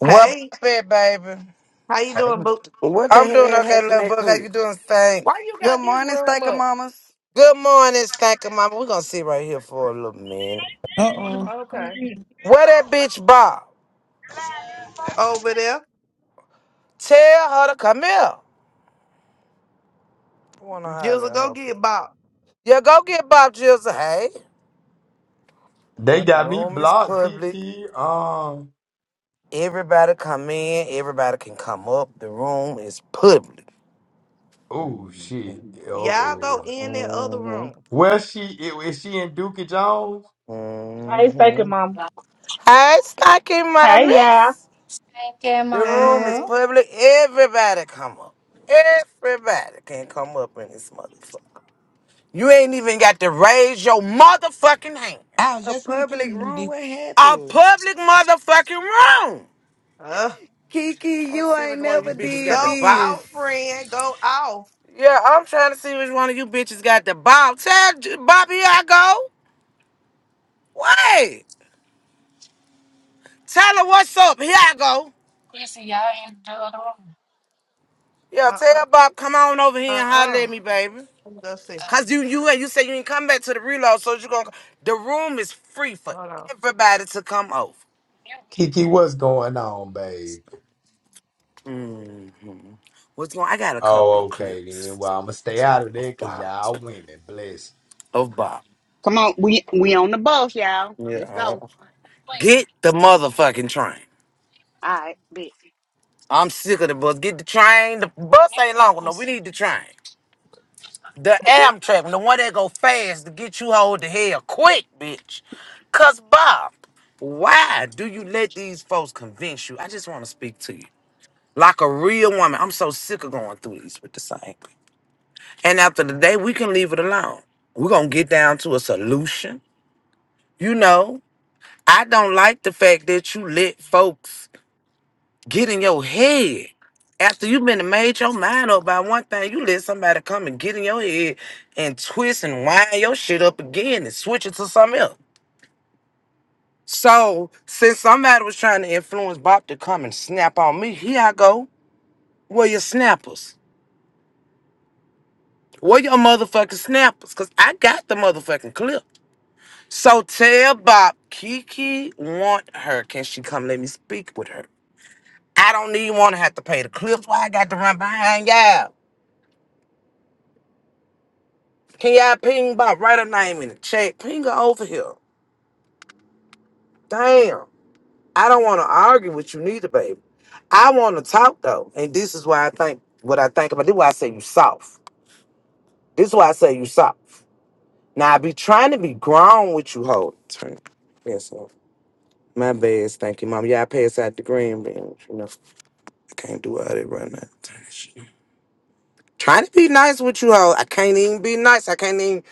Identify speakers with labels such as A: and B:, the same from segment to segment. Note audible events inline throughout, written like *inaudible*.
A: What
B: Hey,
A: buffet, baby?
B: how you
A: Hey.
B: doing, boo?
C: What the
A: I'm doing
C: hell
A: okay,
C: happened
A: little
C: that
A: book. How
C: quick?
A: you doing, Stank?
B: Why you got
C: Come
B: this room up?
A: Good morning, Stank and Mama. We're gonna sit right here for a little minute.
D: Uh oh.
B: Okay.
E: Hallelujah.
A: Where that bitch Bob?
B: Over there.
A: Tell her to come here. I wanna holler
B: Jizzle,
A: at
B: go
A: her for.
B: get Bob.
A: Yeah, go get Bob Jizzle. Hey.
F: They
A: Yeah, the
F: got me
A: room is
F: blocked,
A: public.
F: Kiki. Um.
A: Everybody come in, everybody can come up. The room is public. hmm
F: Oh shit.
B: Y'all go
F: Oh.
B: in that other
A: hmm
B: room.
F: Well, she i- is she in Dookie Jones?
G: Hey, thank Mom.
A: Hey, Stanky
G: Hey, y'all.
A: Mommies.
H: Thank you,
A: The room is
B: Hey.
H: Mama.
A: public. Everybody come up. Everybody can come up in this motherfucker. You ain't even got to raise your motherfucking hand.
D: I was
C: a
D: just in the
C: public
D: opinion
C: room.
D: they,
C: What
A: A
C: happened?
A: public motherfucking room.
B: Uh,
C: Kiki,
A: Trying to
C: you
A: see
C: ain't
A: which one of you
C: never
A: bitches got
C: did
A: the
B: go
A: ball.
B: off,
C: this.
B: friend. Go off.
A: Yeah, I'm trying to see which one of you bitches got the ball. Tell J- Bobby here I go. Wait. Tell her what's up. Here I go.
H: Quincy, y'all in the other room.
A: Yeah,
B: Uh-uh.
A: tell Bob, come on over here and holler
B: Uh-uh.
A: at me, baby.
B: Let me go see.
H: Uh,
A: Cause you you and you said you didn't come back to the reload, so you're gonna the room is free for
B: Hold on.
A: everybody to come over.
H: mute me.
F: Kiki, what's going on, babe?
A: hmm What's going I got a couple
F: Oh,
A: of
F: okay then.
A: clips
F: Well, I'ma stay out of
A: of
F: there because
A: Bob.
F: y'all women, bless.
A: Of Bob.
I: Come on, we we on the bus, y'all.
A: Yeah.
I: Let's
A: I
I: go.
A: don't-
H: Quincy,
A: Get the motherfucking train.
I: All right, bitch.
A: I'm sick of the bus. Get the train. The bus
H: mute
A: ain't
H: me,
A: long enough.
H: Quincy.
A: We need the train. The Amtrak, the one that go fast to get you hold the hell quick, bitch. Cause Bob, why do you let these folks convince you? I just want to speak to you. like a real woman. I'm so sick of going through these with the same. thing. And after the day, we can leave it alone. We're gonna get down to a solution. You know, I don't like the fact that you let folks get in your head. After you've been and made your mind up about one thing, you let somebody come and get in your head and twist and wind your shit up again and switch it to something else. So since somebody was trying to influence Bob to come and snap on me, here I go. Where your snappers? Where your motherfucking snappers? Cause I got the motherfucking clip. So tell Bob, Kiki want her. Can she come let me speak with her? I don't even want to have to pay the clips. Why I got to run behind y'all? Can y'all ping Bob? Write her name in the chat. Ping her over here. Damn. I don't want to argue with you neither, baby. I want to talk though. And this is why I think what I think about. This is why I say you soft. This is why I say you soft. Now I be trying to be grown with you, hoe. Turn. Yes, sir. My bad, thank you, mom. Yeah, I pass out the green beans. You know, I can't do all that right now. Trying to be nice with you all. I can't even be nice. I can't even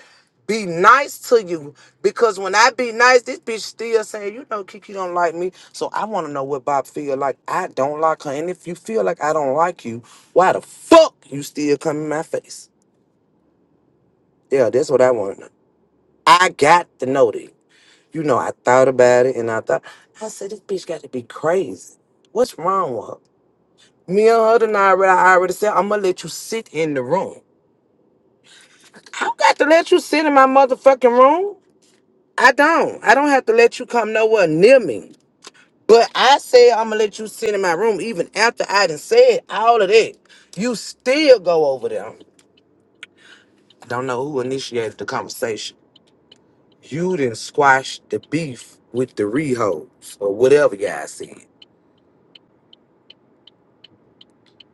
A: be nice to you because when I be nice, this bitch still saying, you know, Kiki don't like me. So I want to know what Bob feel like. I don't like her, and if you feel like I don't like you, why the fuck you still come in my face? Yeah, that's what I want to know. I got to know that. You know, I thought about it, and I thought, I said, this bitch got to be crazy. What's wrong with her? Me and her tonight, I already, I already said, I'm gonna let you sit in the room. I don't got to let you sit in my motherfucking room. I don't. I don't have to let you come nowhere near me. But I said I'm gonna let you sit in my room even after I done said all of that. You still go over there. Don't know who initiated the conversation. You didn't squash the beef with the rehos or whatever y'all said.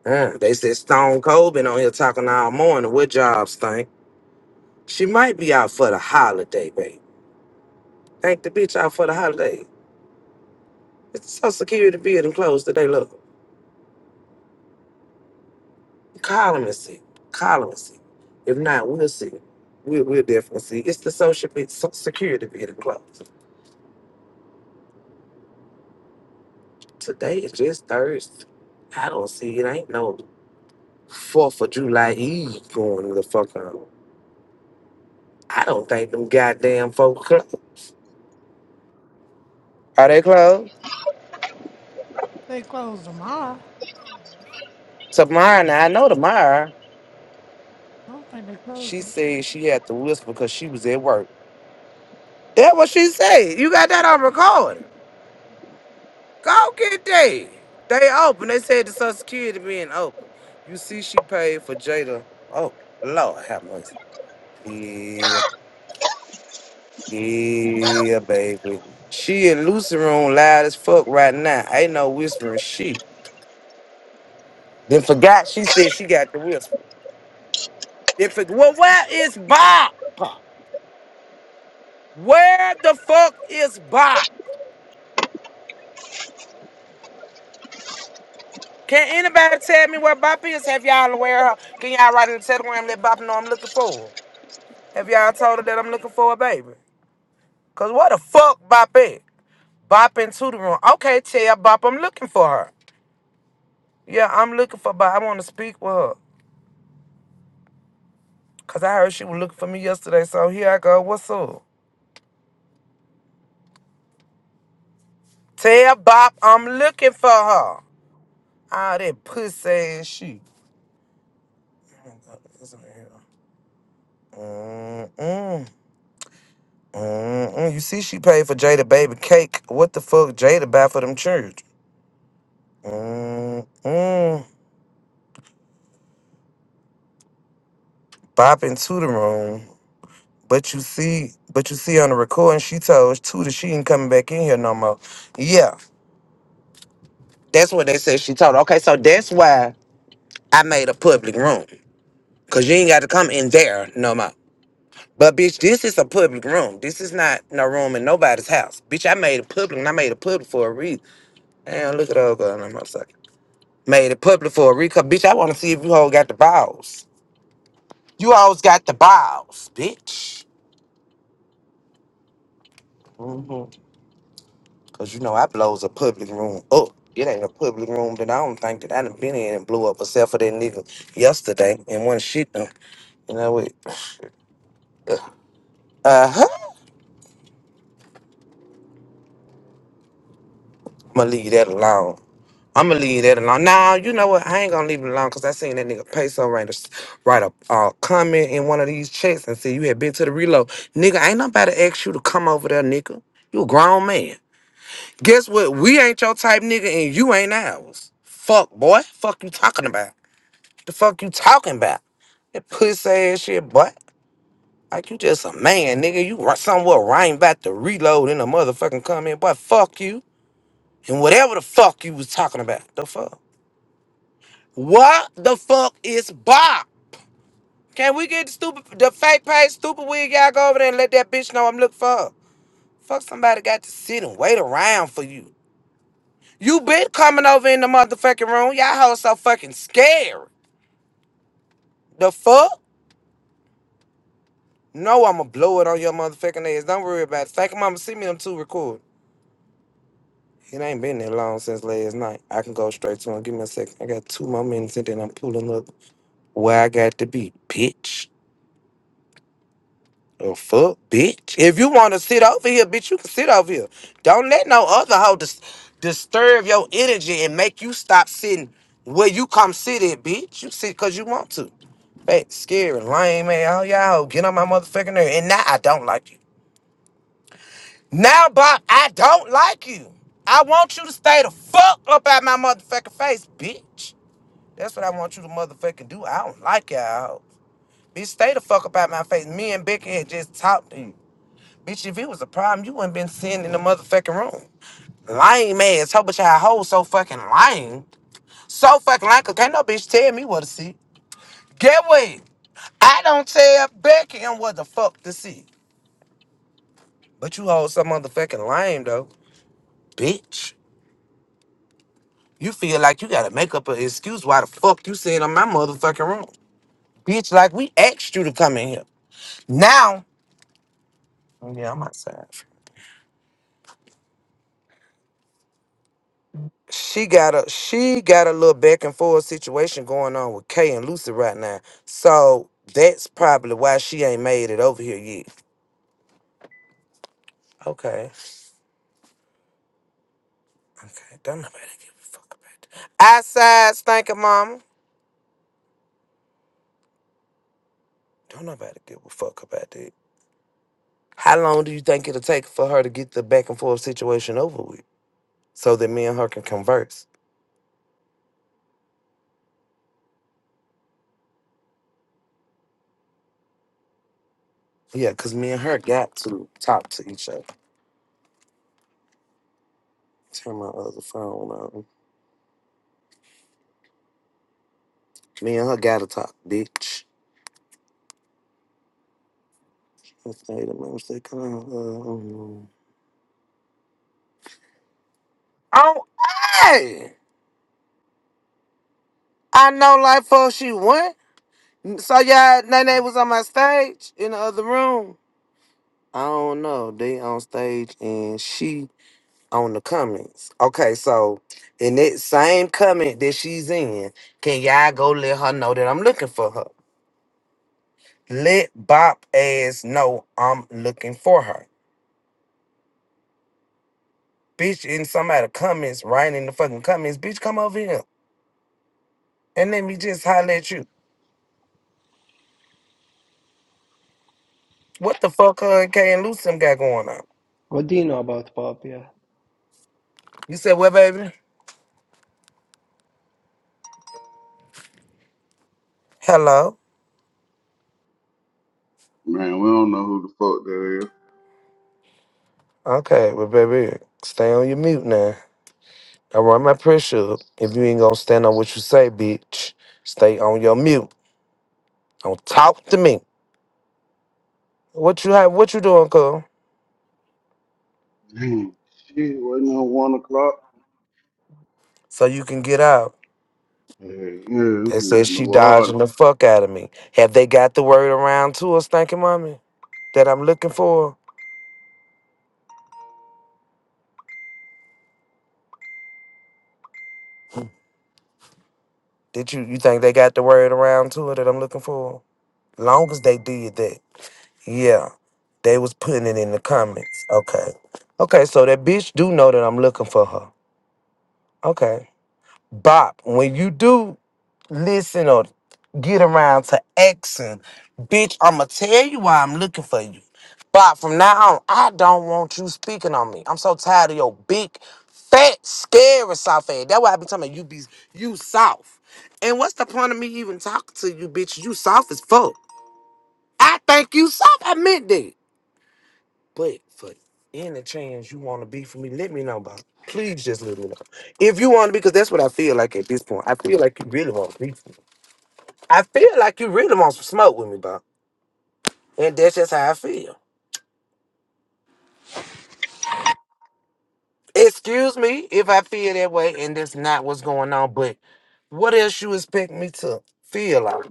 A: Uh, they said Stone Cold been on here talking all morning. What jobs think? She might be out for the holiday, baby. Thank the bitch out for the holiday. It's Social Security building closed today. Look, call them and see. Call them and see. If not, we'll see. We'll, we'll definitely see. It's the Social Be- So- Security building closed. Today is just Thursday. I don't see it. Ain't no 4th of July Eve going the fuck on. I don't think them goddamn folks closed. Are they closed?
D: they closed them off.
A: Tomorrow, now I know tomorrow.
D: I don't think they closed
A: She
D: them.
A: said she had to whisper because she was at work. That what she said. You got that on recording. Go get that. They open. They said the Social Security being open. You see, she paid for Jada. Oh Lord, how much? Yeah, yeah, baby. She in Lucy room loud as fuck right now. Ain't no whispering shit. Then forgot she said she got the whisper. Then for, well, where is Bob? Where the fuck is Bob? Can anybody tell me where Bop is? Have y'all aware? of her? Can y'all write in the telegram and let Bop know I'm looking for her? Have y'all told her that I'm looking for a baby? Cause what the fuck Bop at? Bop into the room. Okay, tell Bop I'm looking for her. Yeah, I'm looking for Bop. I want to speak with her. Cause I heard she was looking for me yesterday. So here I go. What's up? Tell Bop I'm looking for her. All that pussy ass shit. Mm-mm. Mm-mm. You see she paid for Jada baby cake. What the fuck Jada buy for them church? Mm-mm. Bop into the room. But you see, but you see on the recording, she told Tuda she ain't coming back in here no more. Yeah, that's what they said she told. her. Okay, so that's why I made a public room. Cause you ain't got to come in there no more. But bitch, this is a public room. This is not no room in nobody's house. Bitch, I made it public and I made it public for a reason. Damn, look at old girl on my second. Made it public for a reason. 'cause Bitch, I want to see if you all got the balls. You always got the balls, bitch. Mm-hmm. Cause you know I blows a public room up. It ain't a public room that I don't think that I done been in and blew up except for that nigga yesterday and one shit done. You know what? Uh huh. I'ma leave that alone. I'ma leave that alone. Nah, you know what? I ain't gonna leave it alone because I seen that nigga Peso write a, write a uh, comment in one of these chats and say you had been to the reload. Nigga, ain't nobody asked you to come over there, nigga. You a grown man. Guess what? We ain't your type nigga and you ain't ours. Fuck boy. Fuck you talking about. The fuck you talking about? That pussy ass shit, boy. Like you just a man, nigga. You ri- somewhere right about to reload in a motherfucking comment, boy. Fuck you. And whatever the fuck you was talking about. The fuck? What the fuck is Bob? Can we get the stupid the fake page stupid wig y'all go over there and let that bitch know I'm looking for her? Fuck somebody got to sit and wait around for you. You been coming over in the motherfucking room. Y'all hoes so fucking scared. The fuck? No, I'ma blow it on your motherfucking ass. Don't worry about it. Fake mama, see me them two record. It ain't been that long since last night. I can go straight to him. Give me a second. I got two more minutes and then I'm pulling up where I got to be, bitch. Oh fuck, bitch. If you wanna sit over here, bitch, you can sit over here. Don't let no other hoe dis- disturb your energy and make you stop sitting where you come sit at, bitch. You sit cause you want to. Fat, scary, lame, man. All y'all hoe, get on my motherfucking nerve. And now I don't like you. Now, Bob, I don't like you. I want you to stay the fuck up out my motherfucking face, bitch. That's what I want you to motherfucking do. I don't like y'all. Bitch, stay the fuck up out my face. Me and Becky had just talked to you. Bitch, if it was a problem, you wouldn't been sitting in the motherfucking room. Lame ass. How but y'all hoes so fucking lame. So fucking lame, cause can't no bitch tell me what to see. Get what? I don't tell Becky and what the fuck to see. But you hold some motherfucking lame though, bitch. You feel like you gotta make up an excuse why the fuck you sitting in my motherfucking room. Bitch, like we asked you to come in here. Now, oh, yeah, I'm outside. She got a she got a little back and forth situation going on with Kay and Lucy right now. So that's probably why she ain't made it over here yet. Okay. Okay. Don't nobody give a fuck about that. Outside stinking mama. Don't nobody give a fuck about that. How long do you think it'll take for her to get the back and forth situation over with? So that me and her can converse. Yeah, cause me and her got to talk to each other. Turn my other phone on. Me and her gotta talk, bitch. Let's say the most they come uh, Oh, hey! I know like for she went. So y'all, Nene was on my stage in the other room. I don't know. They on stage and she on the comments. Okay, so in that same comment that she's in, can y'all go let her know that I'm looking for her? Let Bop ass know I'm looking for her. Bitch, in some of the comments, right in the fucking comments, bitch, come over here and let me just holler at you. What the fuck her and K and Lucem got going on?
J: What do you know about pop, yeah?
A: You said what, baby? Hello?
K: Man, we don't know who the fuck that
A: Okay, well, baby, stay on your mute now. I run my pressure up. If you ain't gonna stand on what you say, bitch, stay on your mute. Don't talk to me. What you have? What you doing, cuz?
K: is. Damn, Shit, wasn't it one o'clock?
A: So you can get out.
K: Yeah, yeah, this
A: They said
K: is New
A: she
K: Orleans.
A: dodging the fuck out of me. Have they got the word around to her, Stanky Mommy, that I'm looking for? Did you you think they got the word around to her that I'm looking for? Long as they did that, yeah, they was putting it in the comments. Okay, okay, so that bitch do know that I'm looking for her. Okay, Bop, when you do. listen or get around to asking, bitch, I'ma tell you why I'm looking for you. But from now on, I don't want you speaking on me. I'm so tired of your big, fat, scary soft ass. That's why I be talking about you be you soft. And what's the point of me even talking to you, bitch? You soft as fuck. I think you soft. I meant that. But for any chance you want to be for me, let me know, bro. Please just let me know. If you want to, because that's what I feel like at this point. I feel like you really want to be. I feel like you really want some smoke with me, bro. And that's just how I feel. Excuse me if I feel that way and that's not what's going on, but what else you expect me to feel like?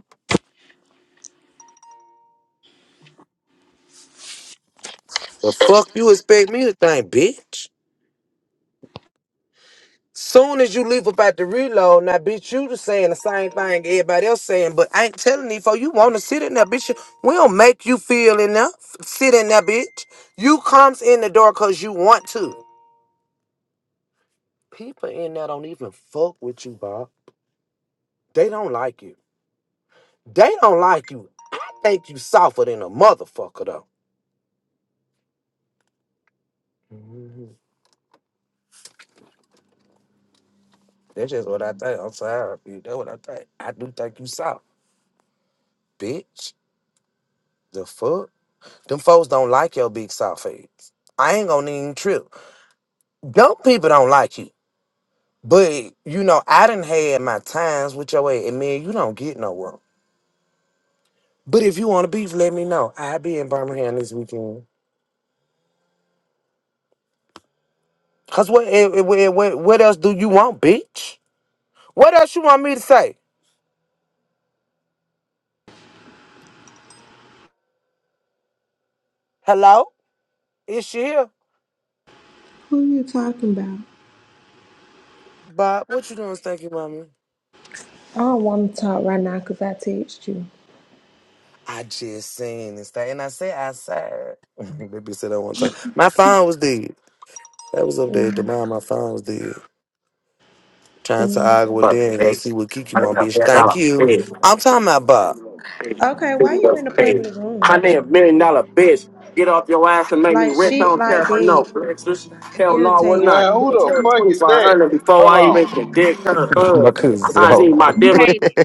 A: The fuck you expect me to think, bitch? Soon as you leave about the reload, now bitch, you just saying the same thing everybody else saying, but I ain't telling you, for you want to sit in there, bitch. We don't make you feel enough. Sit in there, bitch. You comes in the door because you want to. People in there don't even fuck with you, Bob. They don't like you. They don't like you. I think you softer than a motherfucker though. Mhm. That's just what I think. I'm sorry, bitch. That's what I think. I do think you soft, bitch. The fuck? Them folks don't like your big soft face. I ain't gonna even trip. Dumb people don't like you. But you know, I done had my times with your ass, and man, you don't get nowhere. But if you want to beef, let me know. I'll be in Birmingham this weekend. Cause what, eh, eh, what, eh, what, what else do you want, bitch? What else you want me to say? Hello? Is she here?
L: Who you talking about?
A: Bob, what you doing, Stanky Mommy?
L: I don't want to talk right now because I text you.
A: I just seen this thing, and I say I said. *laughs* Baby said that one time. My phone was dead. That was up there. The
L: mm
A: mom, my phone was dead. Trying to
L: mm.
A: argue with them,
M: but
A: and go
M: they
A: see what Kiki
M: I didn't
A: want,
M: a
A: bitch.
M: million
A: Thank you.
M: bed.
A: I'm talking about Bob.
L: Okay, why you in the public
M: I
L: room?
M: need a million dollar bitch. Get off your ass and make me
L: Like
M: rich. I
L: shit
M: don't care
L: like
M: if I know
L: that
M: flexes. Hell no, I would
L: irritates
M: not.
K: Man,
L: me.
K: who the fuck
M: Twenty
K: is
M: five
K: that?
M: hundred before
K: Hold
M: I
K: on.
M: even can dick her.
A: *laughs* my
M: Uh,
A: cousin said,
M: I
A: hold
M: need my
A: on.
N: We
M: dividends.
N: hate it.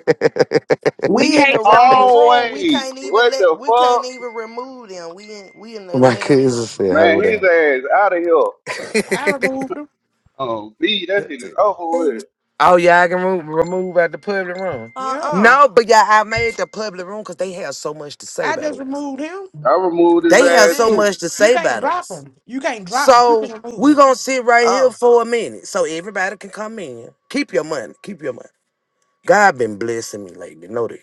N: We
B: We in the
N: hate your
B: wrong
N: music.
B: room. We
K: Hallway.
B: can't even
K: What
B: let
K: the
B: we can't
K: fuck?
B: even remove them. We in we in
A: *laughs*
B: the
A: my
B: lit up
A: cousin
B: room.
A: said,
K: Man,
A: hold
K: his
A: on.
K: ass out of here.
D: I removed them.
K: Oh, B, that shit is over
A: *laughs*
K: with.
A: Oh, yeah, I can remove, remove out the public room.
D: Yeah.
B: Uh-uh.
A: no, but yeah, I made the public room because they have so much to say
D: I
A: about
D: just
A: it.
D: removed him.
K: I removed his
A: They
B: Oh, you
A: have
K: ass
A: so
B: did?
K: too.
A: much to
D: You
A: say
D: can't
A: about
D: drop
A: us.
D: him. You can't drop, you
A: So
D: can
A: we're
D: remove.
A: gonna sit right here
B: Oh.
A: for a minute so everybody can come in. Keep your money. Keep your money. God been blessing me lately. Know that.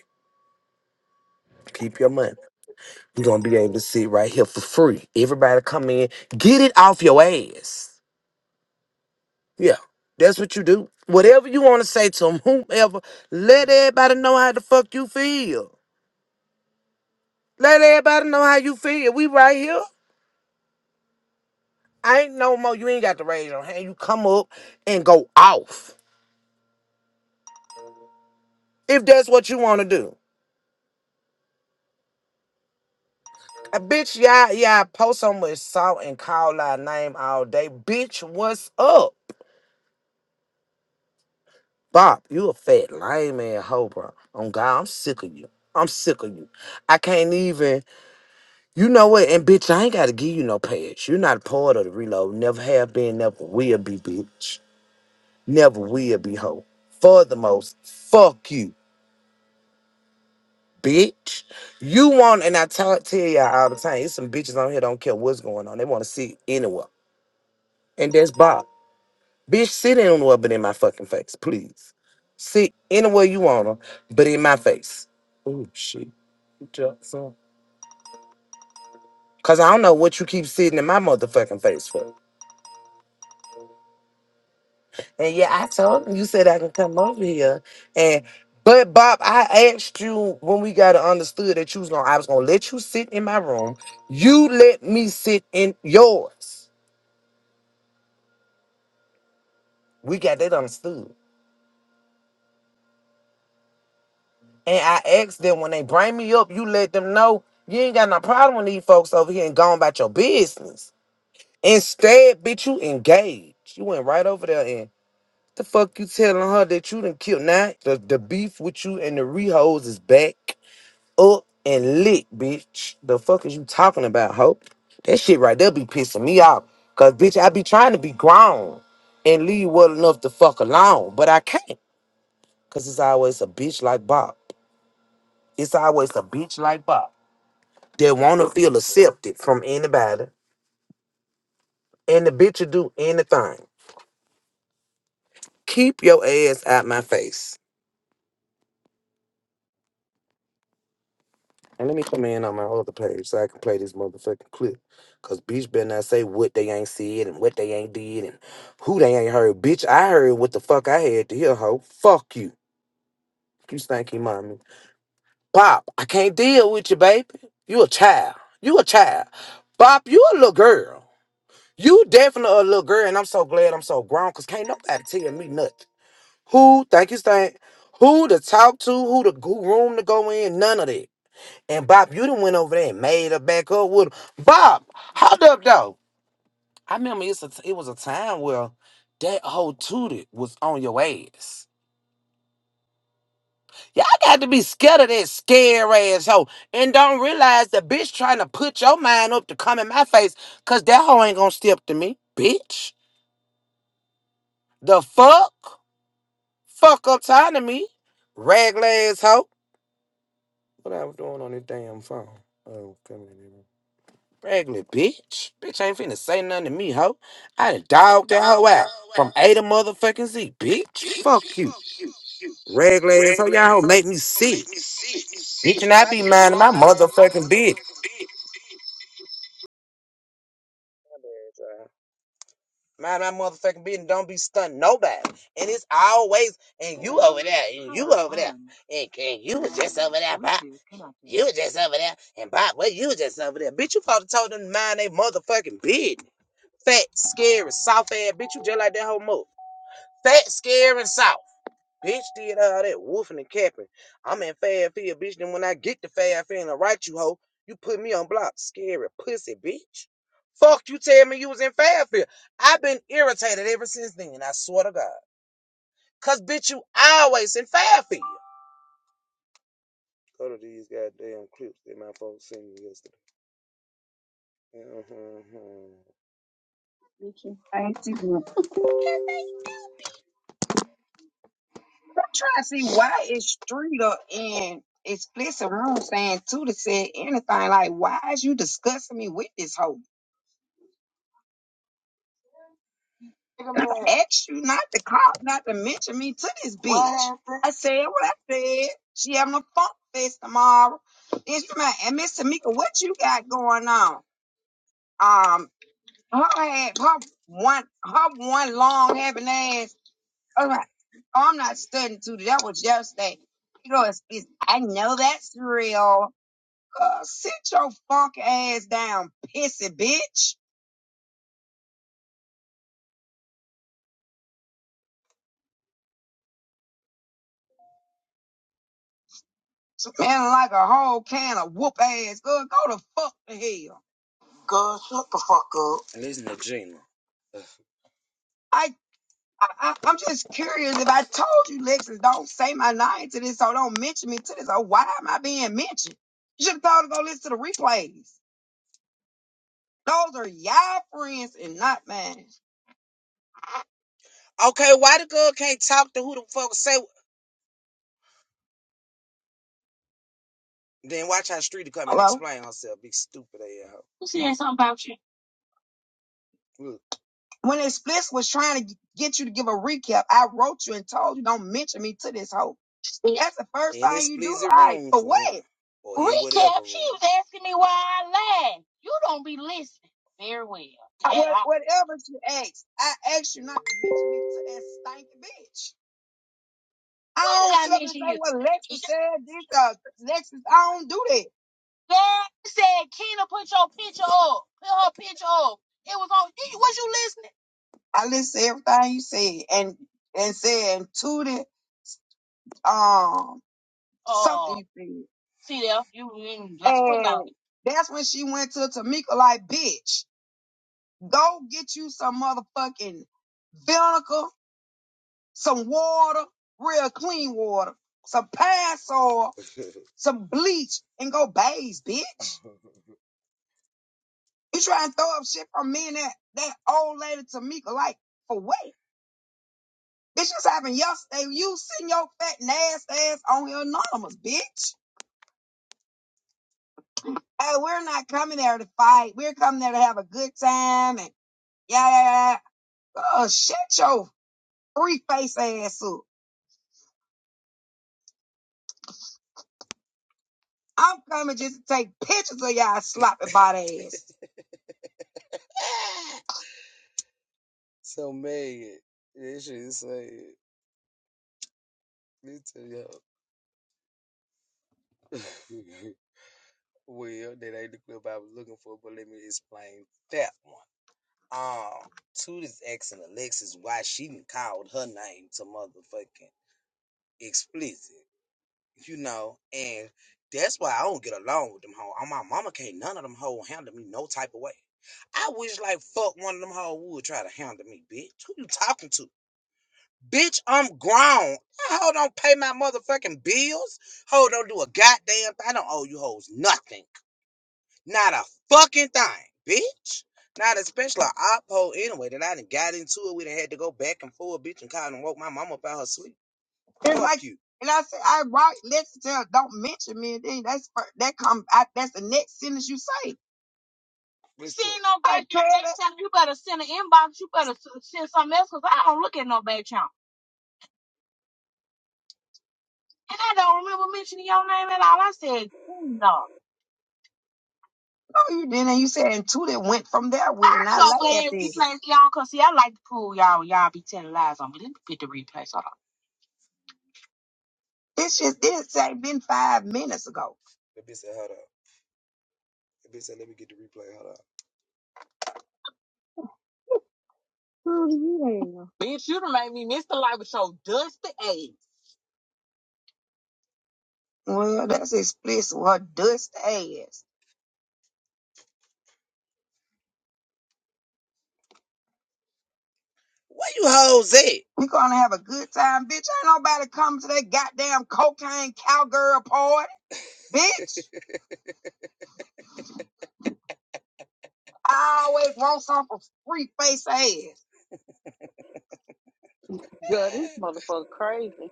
A: Keep your money. We're gonna be able to sit right here for free. Everybody come in. Get it off your ass. Yeah. That's what you do. Whatever you want to say to them, whomever, let everybody know how the fuck you feel. Let everybody know how you feel. We right here. I ain't no more. You ain't got to raise your hand. You come up and go off. if that's what you want to do. Uh, bitch, Yeah, yeah. post so much salt and call our name all day. Bitch, what's up? Bob, you a fat lame ass hoe, bro. On God, I'm sick of you. I'm sick of you. I can't even, you know what? And bitch, I ain't got to give you no pass. You're not a part of the reload. Never have been, never will be, bitch. Never will be, hoe. Furthermost, fuck you, bitch. You want, and I talk, tell y'all all the time, it's some bitches on here don't care what's going on. They want to see anywhere. and that's Bob. Bitch, sit anywhere but in my fucking face, please. Sit anywhere you wanna, but in my face. Oh shit, you jumped some. Cause I don't know what you keep sitting in my motherfucking face for. And yeah, I told him you said I can come over here. And but Bob, I asked you when we got it understood that you was gonna I was gonna let you sit in my room. You let me sit in yours. We got that understood. And I asked them when they bring me up, you let them know you ain't got no problem with these folks over here and going about your business. Instead, bitch, you engaged. You went right over there and the fuck you telling her that you done killed now? The, the beef with you and the rehose is back up and lit, bitch. The fuck is you talking about, hoe? That shit right there be pissing me off. Cause bitch, I be trying to be grown and leave well enough to fuck alone, but I can't. Cause it's always a bitch like Bob. It's always a bitch like Bob. They want to feel accepted from anybody. And the bitch will do anything. Keep your ass out my face. And let me come in on my other page so I can play this motherfucking clip. Cause bitch better not say what they ain't said and what they ain't did and who they ain't heard. Bitch, I heard what the fuck I had to hear, hoe. Fuck you. You stinky mommy. Pop, I can't deal with you, baby. You a child. You a child. Pop, you a little girl. You definitely a little girl, and I'm so glad I'm so grown, cause can't nobody tell me nothing. Who, thank you, Stan, who to talk to, who to go room to go in, none of that. And Bob, you done went over there and made her back up with him. Bob, hold up though. I remember it's a, it was a time where that whole tooted was on your ass. Y'all got to be scared of that scare ass hoe and don't realize the bitch trying to put your mind up to come in my face because that hoe ain't gonna step to me, bitch. The fuck? Fuck up time to me, ragla ass hoe. What I was doing on this damn phone. Oh, coming in here. Pregnant bitch. Bitch ain't finna say nothing to me, hoe. I done dogged that hoe out. From A to motherfucking Z, bitch. Fuck you. Regular ass hoe, y'all hoe make me sick. Bitch, and I be minding my motherfucking business.
O: Ain't you? good? I'm trying to see why is Streeter in explicit room saying too said anything like why is you discussing me with this hoe? I asked you not to call, not to mention me to this bitch. I said what I said. She having a funk fest tomorrow. Then she might, and Miss Tamika, what you got going on? Um, her ass, her one, her one long having ass. I was like, oh, I'm not studying to that was yesterday. You know, it's, it's, I know that's real. Girl, sit your funk ass down, pissy bitch. Smelling like a whole can of whoop ass. Go go to fuck to hell. Girl, I, I, I- I'm just curious if I told you, Lexus, don't say my name to this, so don't mention me to this. Oh, why am I being mentioned? You should have told to go listen to the replays. Those are y'all friends and not mine. Hello? and Who said something about you? When Explicit was trying to get you to give a recap, I wrote you and told you don't mention me to this hoe. And That's the first thing you do. All right, for what? You was asking me why I lied. You don't be listening very well. I- what- I, whatever you asked, I asked you not to mention me to that stinking bitch. I don't did I mention you? what Lexus said. This, uh, Lexus, I don't do that. Girl said, Keena, put your picture up. Put her picture up. It was on. Did you- Was you listening? I listened to everything you said and and said and tooted um Oh, something Oh, you said. see there. You you just put it out. And that's when she went to Tamika like, bitch, go get you some motherfucking vinegar, some water, real clean water, some pine soil, some bleach, and go bathe, bitch. *laughs* You try and throw up shit from me and that, that old lady Tamika, like, for what? Bitch, this happened yesterday. You sitting your fat, nasty ass on your anonymous, bitch. Hey, we're not coming there to fight. We're coming there to have a good time and yeah, yeah, yeah. yeah. Oh, shut your free face ass up. I'm coming just to take pictures of y'all sloppy body ass. *laughs* It's like, and I said, I right, listen to her, don't mention me. And then that's, that come, I, that's the next sentence you say. no back channel. Next time you better send an inbox. You better s- send something else because I don't look at no back channel. And I don't remember mentioning your name at all. I said, no. No, you didn't. You said and two that went from there. way, I'm and I so laughed glad at we it. y'all because, see, I like to prove y'all, y'all be telling lies on me. Let me get the replay. Hold on. It's just this ain't been five minutes ago. Oh, yeah. Bitch, you done made me miss the light with your dusty ass. yeah. Well, that's explicit. What dust ass. We gonna have a good time, bitch. Ain't nobody coming to that goddamn cocaine cowgirl party, bitch. *laughs* I always want some for free face ass.
I: Girl, this motherfucker crazy.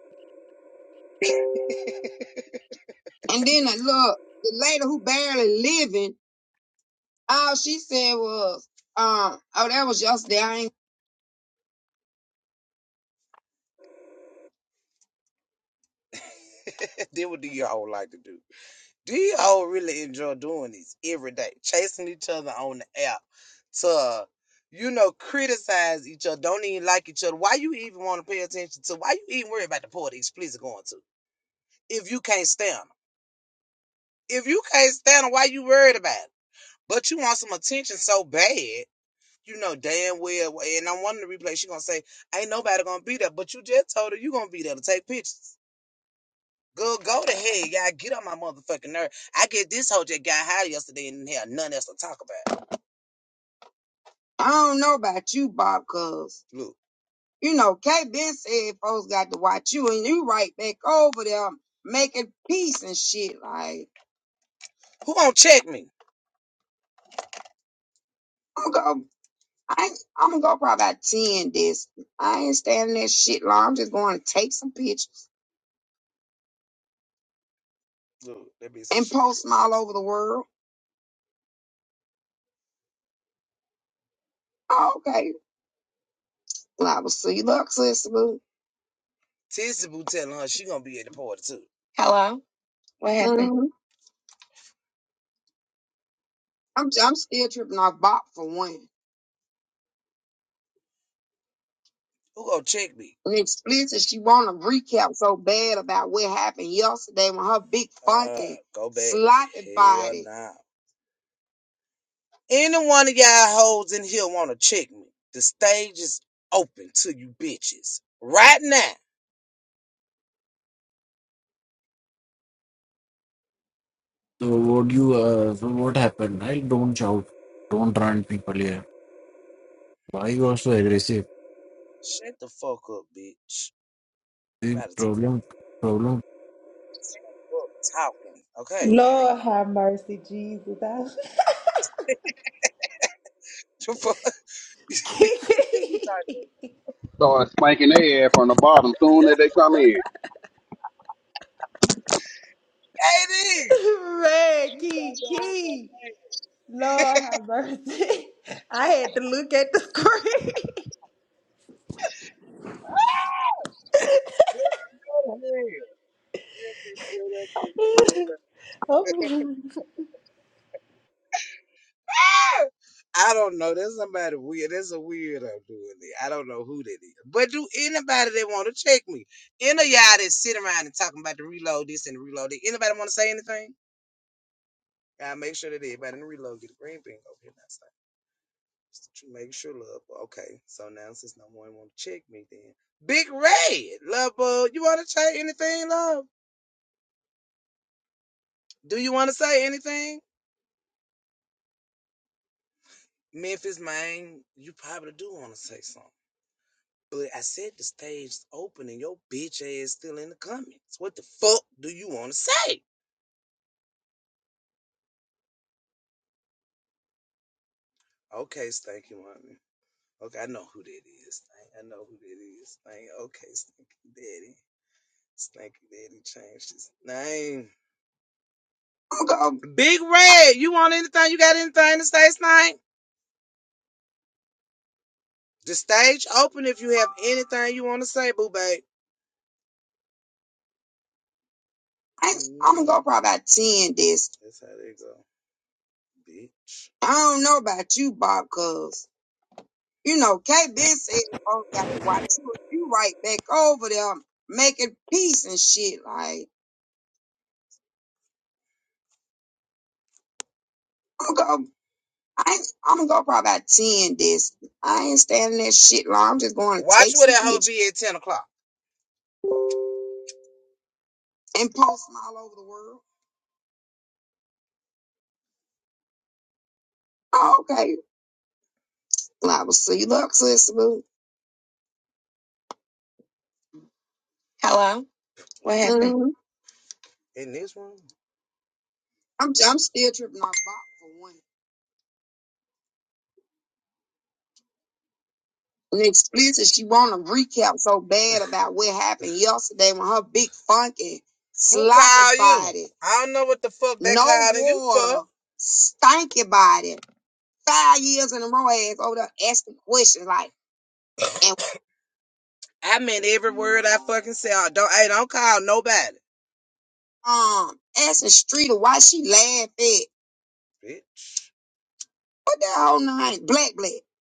O: And then the look, the lady who barely living, all she said was, um, oh, that was yesterday. I ain't, I don't know about you, Bob, cuz, you know, K Ben said folks got to watch you and you right back over there making peace and shit. Like, I'm gonna. I I'm gonna go probably about ten this. I ain't standing that shit long. I'm just going to take some pictures and post them all over the world. Oh, okay, Well, I will see you luck, sister. Boo. What happened? hmm I'm I'm still tripping off Bop for one. And explicit, she want a recap so bad about what happened yesterday when her big funky sloppy body.
P: So what you uh, so what happened? I don't shout, don't run people here. Why you are so aggressive? The problem problem
L: Lord have mercy, Jesus. I- *laughs* Kiki.
K: Started spanking their ass from the bottom soon as they come in.
L: Man, Key, Lord have mercy. *laughs* I had to look at the screen. *laughs* *laughs*
O: I, I'm gonna go probably about ten this. I don't know about you, Bob, cuz. You know, K. KB said, "Oh, you got to watch you. You right back over there making peace and shit. Like I'm gonna, I ain't, I'm gonna go probably about ten. This I ain't standing that shit long. I'm just going to take some pictures and post them all over the world. Oh, okay, well, I will see you. Look, sis, boo. Hello? What happened? hmm I'm, I'm still tripping off Bob for one. And explicit, she want a recap so bad about what happened yesterday when her big funky sloppy called body, no water, for. stanky body, five years in a row ass over there asking questions like, and um, asking Streeter why she laugh at what that whole nine black black, and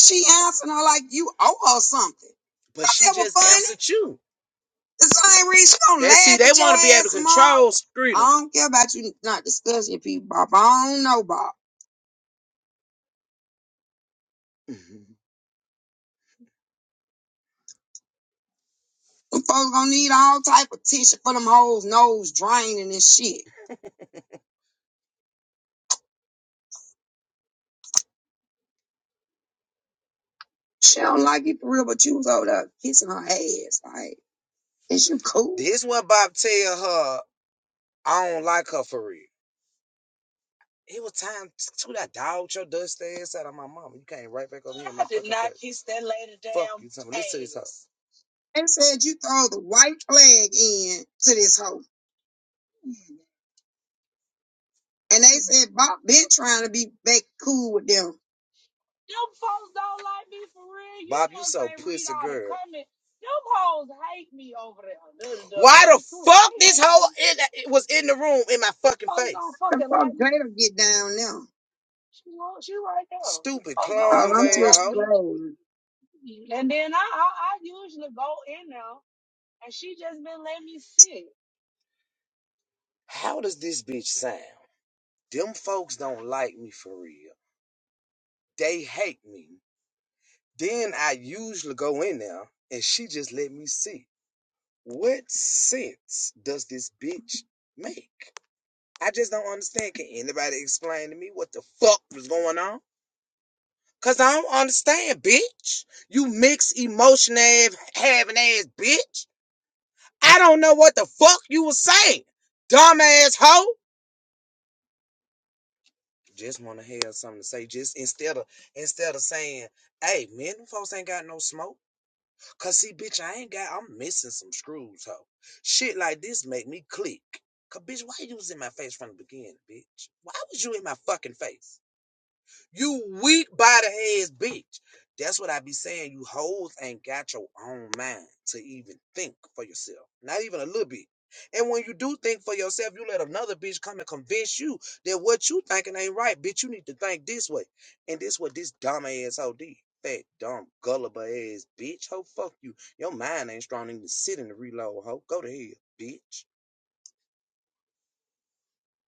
O: she answering her like you owe her something. That's That funny. Cyrese, don't at your ass, Mark. I streeters. don't care about you not discussing people, Bob. I don't know, Bob. Them folks gonna need all type of tissue for them hoes nose draining and shit. She don't like you for real, but you was over there kissing her ass. Like, is you cool? It's that lady They said you throw the white flag in to this hoe. And they said Bob been trying to be back cool with them. Them folks don't like me for real. women, them hoes hate me over there. Them The The Fucking fuck like Jada get down now? She, wa- she right there. Oh, I'm just playing. And then I, I, I usually go in there, and she just been letting me sit.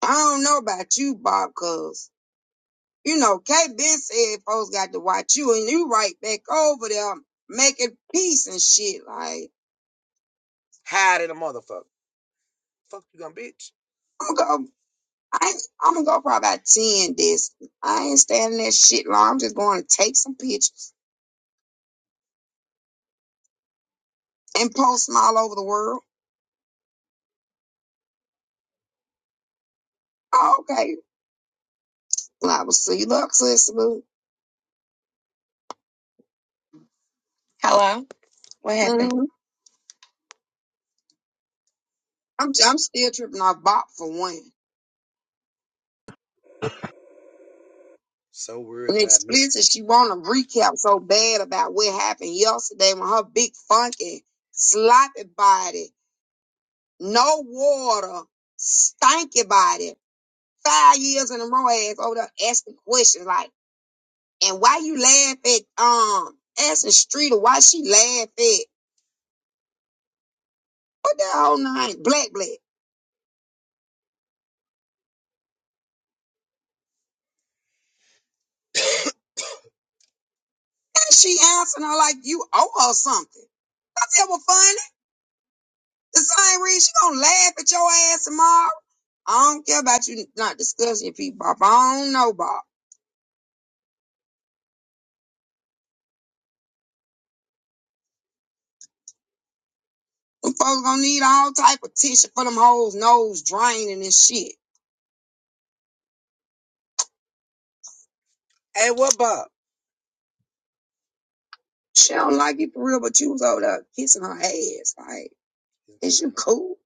O: I don't know about you, Bob, cuz, you know, K Ben said folks got to watch you, and you right back over there making peace and shit. Like, I'm gonna go, I, ain't- I'm gonna go probably about 10 this. I ain't standing that shit long. I'm just going to take some pictures. and post them all over the world. Oh, okay. Well, I will see you up, sis. boo. Hello? What happened? Mhm. I'm I'm still tripping off Bop for one. And explicit, she want a recap so bad about what happened yesterday when her big funky sloppy body, no water, stanky body, five years in a row ass over there asking questions like, and why you laugh at um asking Streeter why she laugh at what the whole nine black black. she answering her like you owe her something. I feel well funny. The same reason she gonna laugh at your ass tomorrow. I don't care about you not discussing your people, Bob. I don't know, Bob. Them folks gonna need all type of tissue for them hoes nose draining and shit. She don't like you for real, but you was over there kissing her ass. Like, is you cool?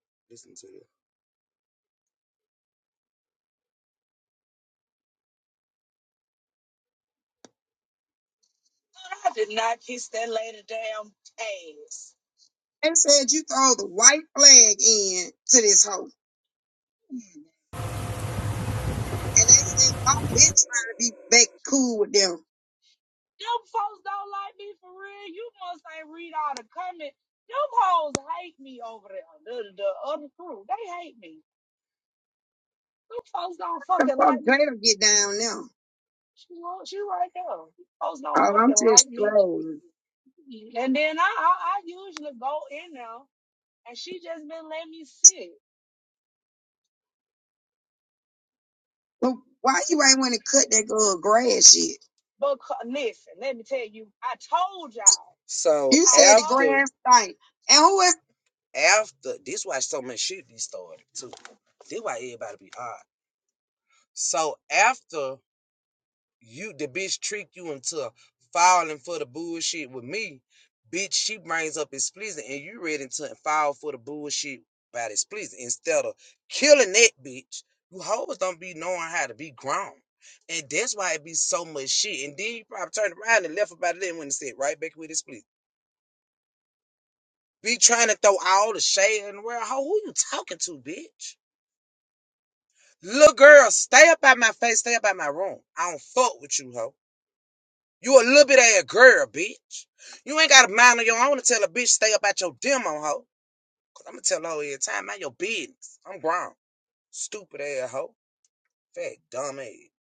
O: I did not kiss that lady damn ass. They said you throw the white flag in to this hoe. And they just, I've been trying to be back cool with them. Them folks don't like me for real. You must ain't read all the comments. Them hoes hate me over there. The, the other crew, they hate me. Them folks don't The fucking fuck like me. Jada get down now. She, won't- she right there. Them folks don't Oh, I'm fucking just like me. trolling. And then I, I, I usually go in there, and she just been letting me sit. But why you ain't want to cut that good grass shit? But listen, let me tell you, I told y'all. grass thing, And who is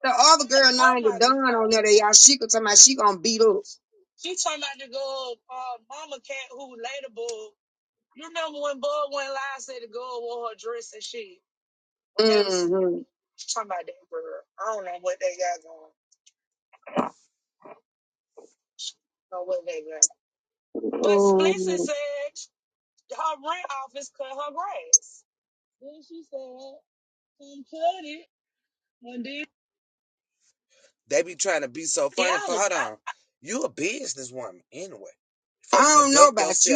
O: the other girl talking named about this on there that y'all she could tell me she gonna beat up? She talking about the girl, uh, mama cat who later bug. You remember when Bug went live said the girl wore her dress and shit. Mm-hmm. talking about that girl. I don't know what they got going. I don't Know what they got. But Splissy Oh, said her rent office cut her grass. Then she said she cut it, and then don't know about you,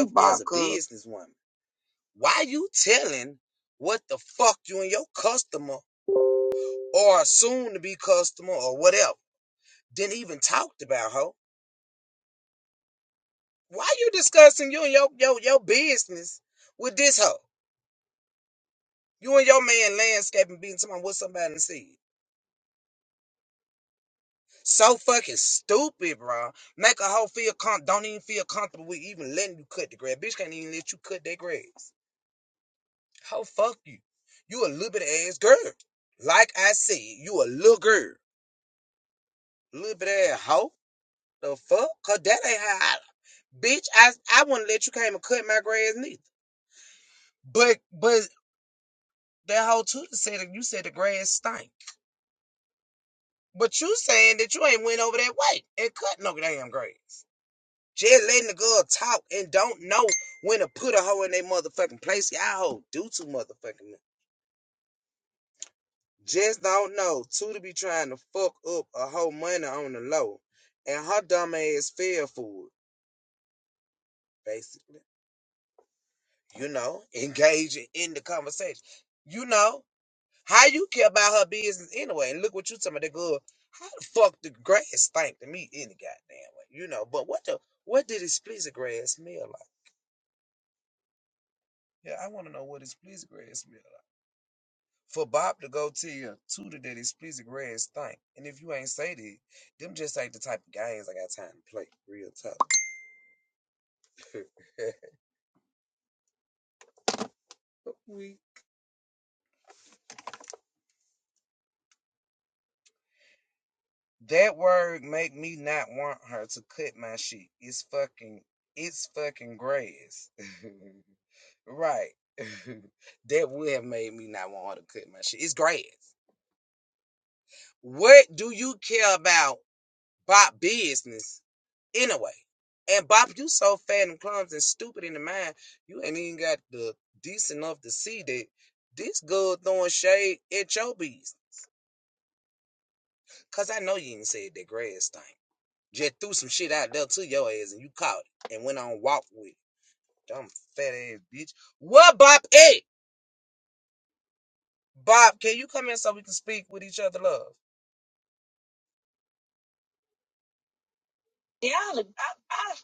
O: Yeah, I, I,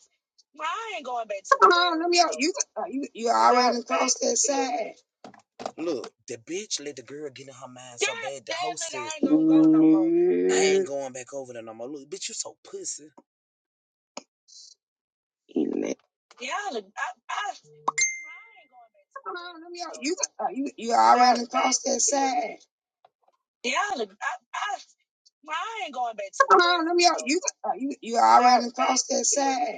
O: well, I ain't going back to the uh let me out. You, uh, you, you already Matter across that yeah, side. ain't gonna go no more. I Mm, Let Yeah, I, I, I, well, I ain't going back Come on, let me out. You, uh, you, you already Matter across that yeah, side. yeah, I, I, well, I ain't going back Come on, let me out. You, uh, you, you already of across that yeah, side.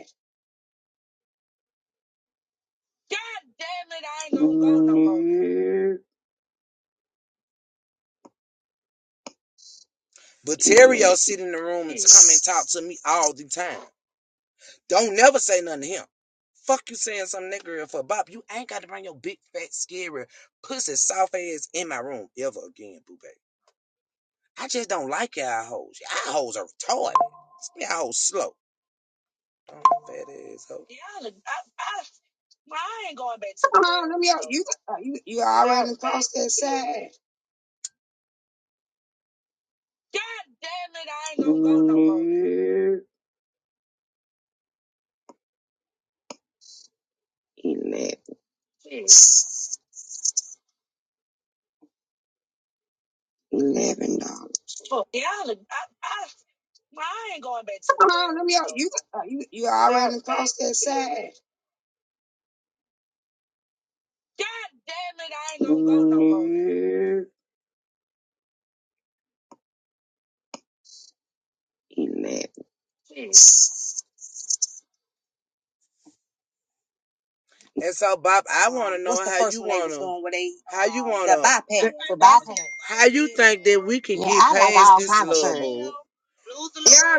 O: God damn it, I ain't gonna go no more. Yeah. Y'all, I, I, well, I ain't going back to the Come on, let me help you, you. You already That across that side. God damn it, I ain't gonna go no more. Yeah. Eleven. Shit. Eleven dollars. Fuck. Y'all, I, I, well, I ain't going back to the Come on, let me therapy help you, you. You That already man, crossed that side. God damn it, I ain't gonna go no more. Yeah. Amen. Yes. Um, was where they bypass the bypass. church. Yeah, I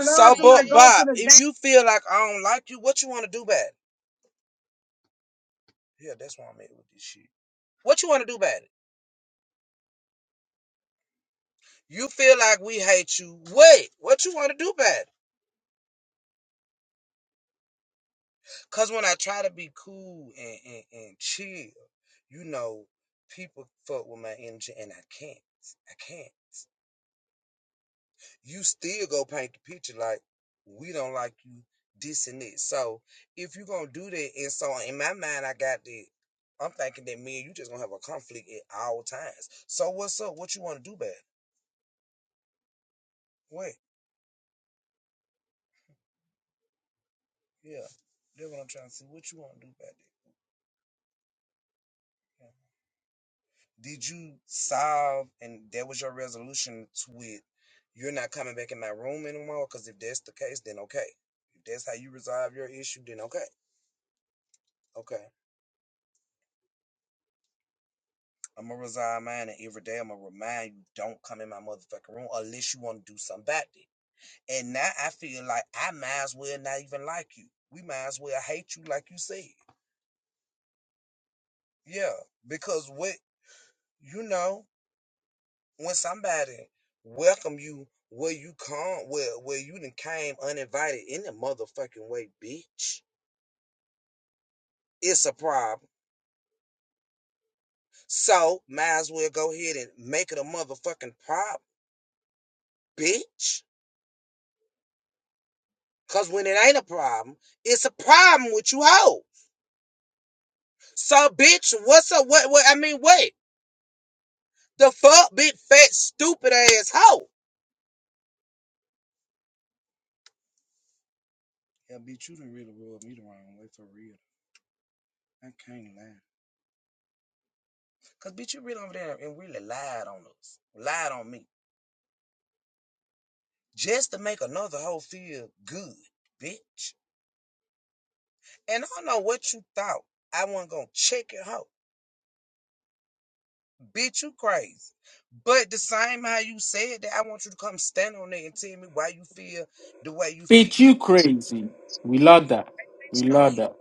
Q: Bitch, you crazy. We love that. We love that.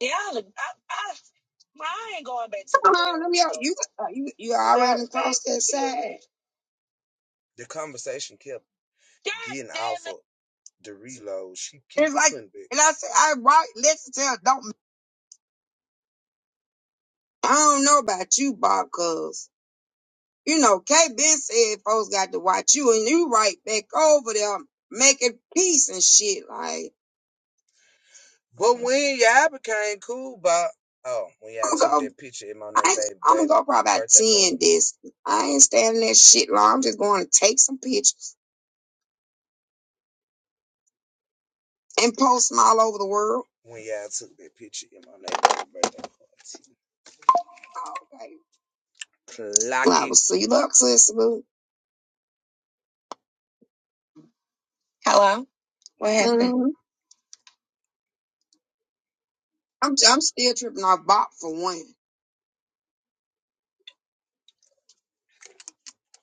O: Yeah, I, I, I ain't going back to Come on, let me out. You, uh, you, you already crossed that side. and I said, I right, listen to her. Don't, I don't know about you, Bob, cause. You know, K Ben said folks got to watch you, and you right back over there making peace and shit. Like, I'm, I ain't- I'm gonna go probably about 10 photo. this. I ain't standing that shit long. I'm just going to take some pictures and post them all over the world. Oh, Okay. Well, I will it. see you up, sis. boo. Hello? What happened? Mhm. I'm, I'm still tripping off Bop for one.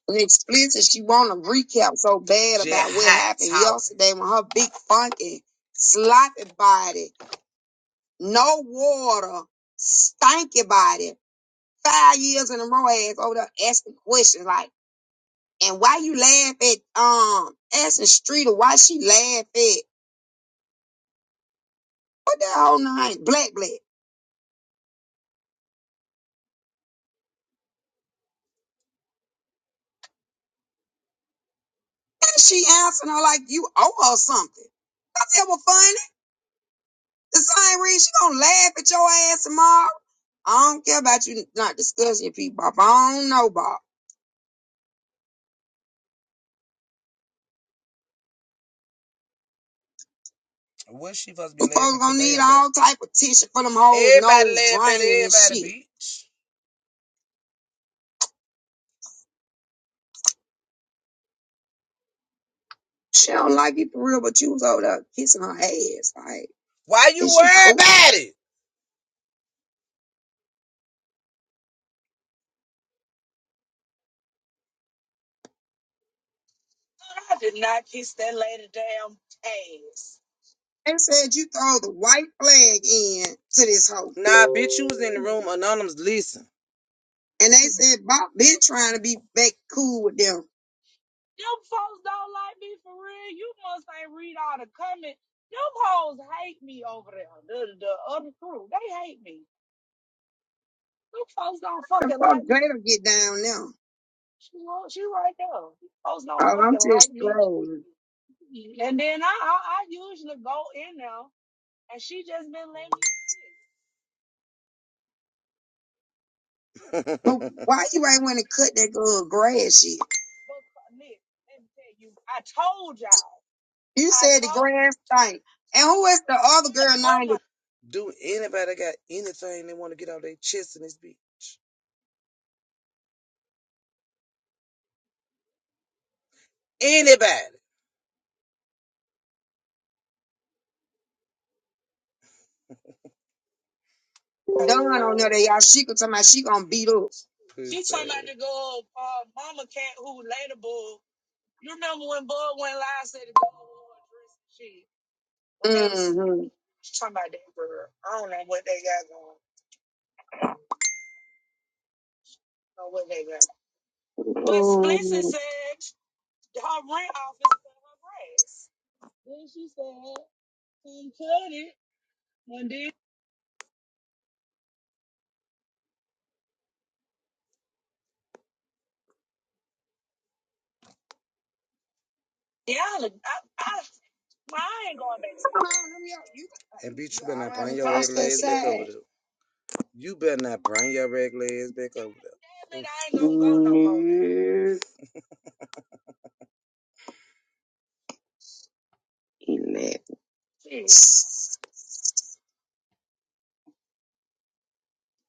O: and explicit. She want a recap so bad about yeah, what happened Top. yesterday when her big funky sloppy body, no water, stanky body, five years in a row ass over there asking questions like, and why you laugh at um asking Street or why she laugh at what the whole nine black black. And she answering her like you owe her something. That's ever funny. This Irene, she gonna laugh at your ass tomorrow. I don't care about you not discussing your people. Bob. I don't know, Bob. You folks gonna need all type of tissue for them hoes' laughing, shit. She don't like it for real, but you was over there kissing her ass. Like, I did not kiss that lady damn ass. They said you throw the white flag in to this hoe. And they said Bob been trying to be back cool with them. Them folks don't like me for real. You must ain't read all the comments. Them hoes hate me over there. The, the other crew, they hate me. Them folks don't The fucking fuck like me. Jada get down now. She, wa- she right there. Them folks don't Oh, I'm fucking just like me. trolling. And then I, I, I usually go in there, and she just been letting me sit. But why you ain't want to cut that girl grass shit? But, Nick, let me tell you, I told y'all. You said the grand thing. And who is the other girl named Done on there that y'all she could talking about she gonna beat up? Mm-hmm. Go, uh, mama cat, who the You remember when Bud went girl. said the girl wore a dress and shit? Mm-hmm. She's talking about that girl. I don't know what they got going. I don't know what they got. But Mm. Splissy said her rent office cut her grass. Then she said, "He cut it." One day Yeah, I, I, well, I ain't going back to Come on, New York. You, I ain't gonna go no more. Yes.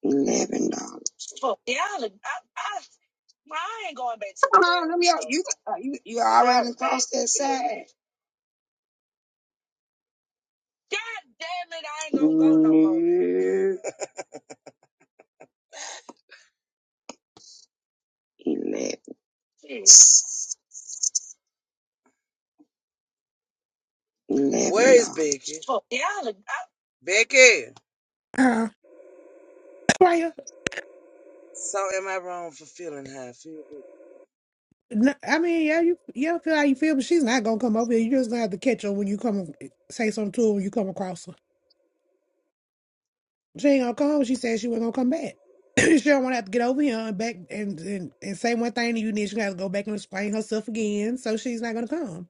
O: Eleven. dollars. Fuck, yeah, I, I, well, I ain't going back to school. Come on, New York. You, you, you already crossed that side. God damn it, I ain't gonna go no more. Yes. Eleven. Eleven Fuck, yeah, I,
D: Uh, right. No, I mean, yeah, you yeah, feel how you feel, but she's not gonna come over here. You just gonna have to catch her when you come say something to her when you come across her. She ain't gonna come She said she wasn't gonna come back. *clears throat* she don't wanna have to get over here and back and, and, and say one thing to you, and then she gonna have to go back and explain herself again. So she's not gonna come.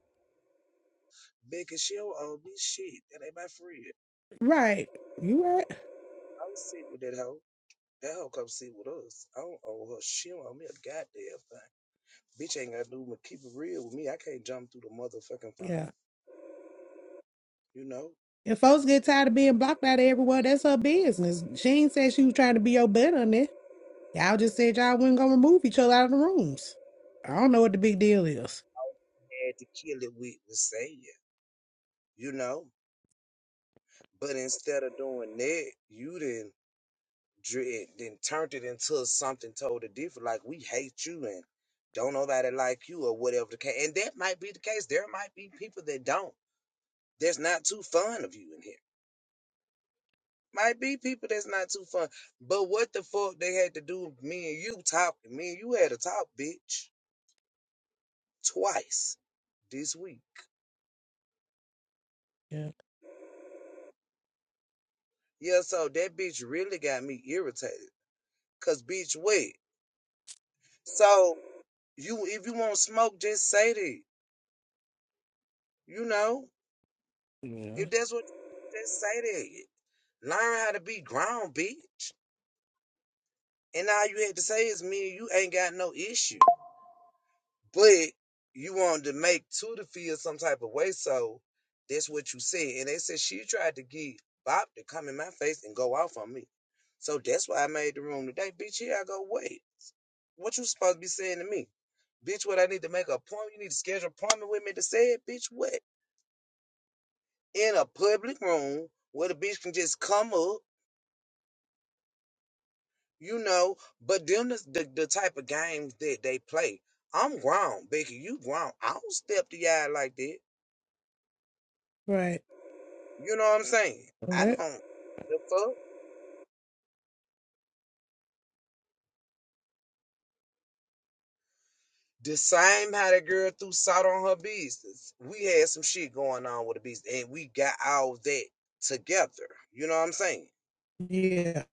D: Right. You right. Yeah. If folks get tired of being blocked out of everywhere, that's her business. She ain't said she was trying to be your butt on it. Y'all just said y'all wasn't gonna remove each other out of the rooms. I don't know what the big deal is. Yeah. Yeah. Right. Right. Yeah.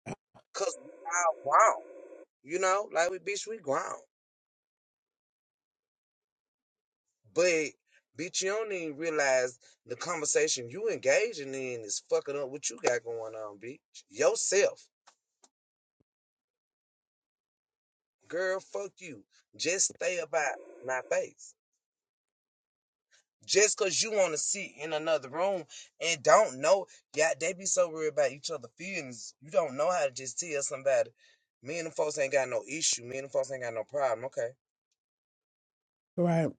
D: Right.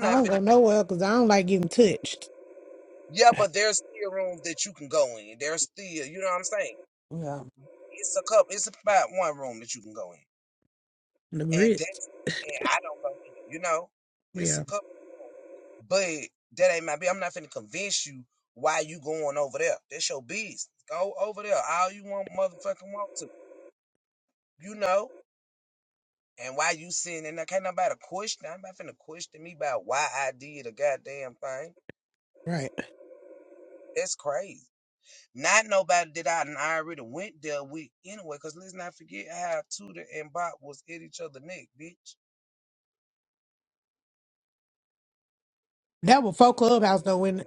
D: I don't go nowhere because I don't like getting touched. Yeah. The grits. Yeah. Right. That was folk clubhouse though. When.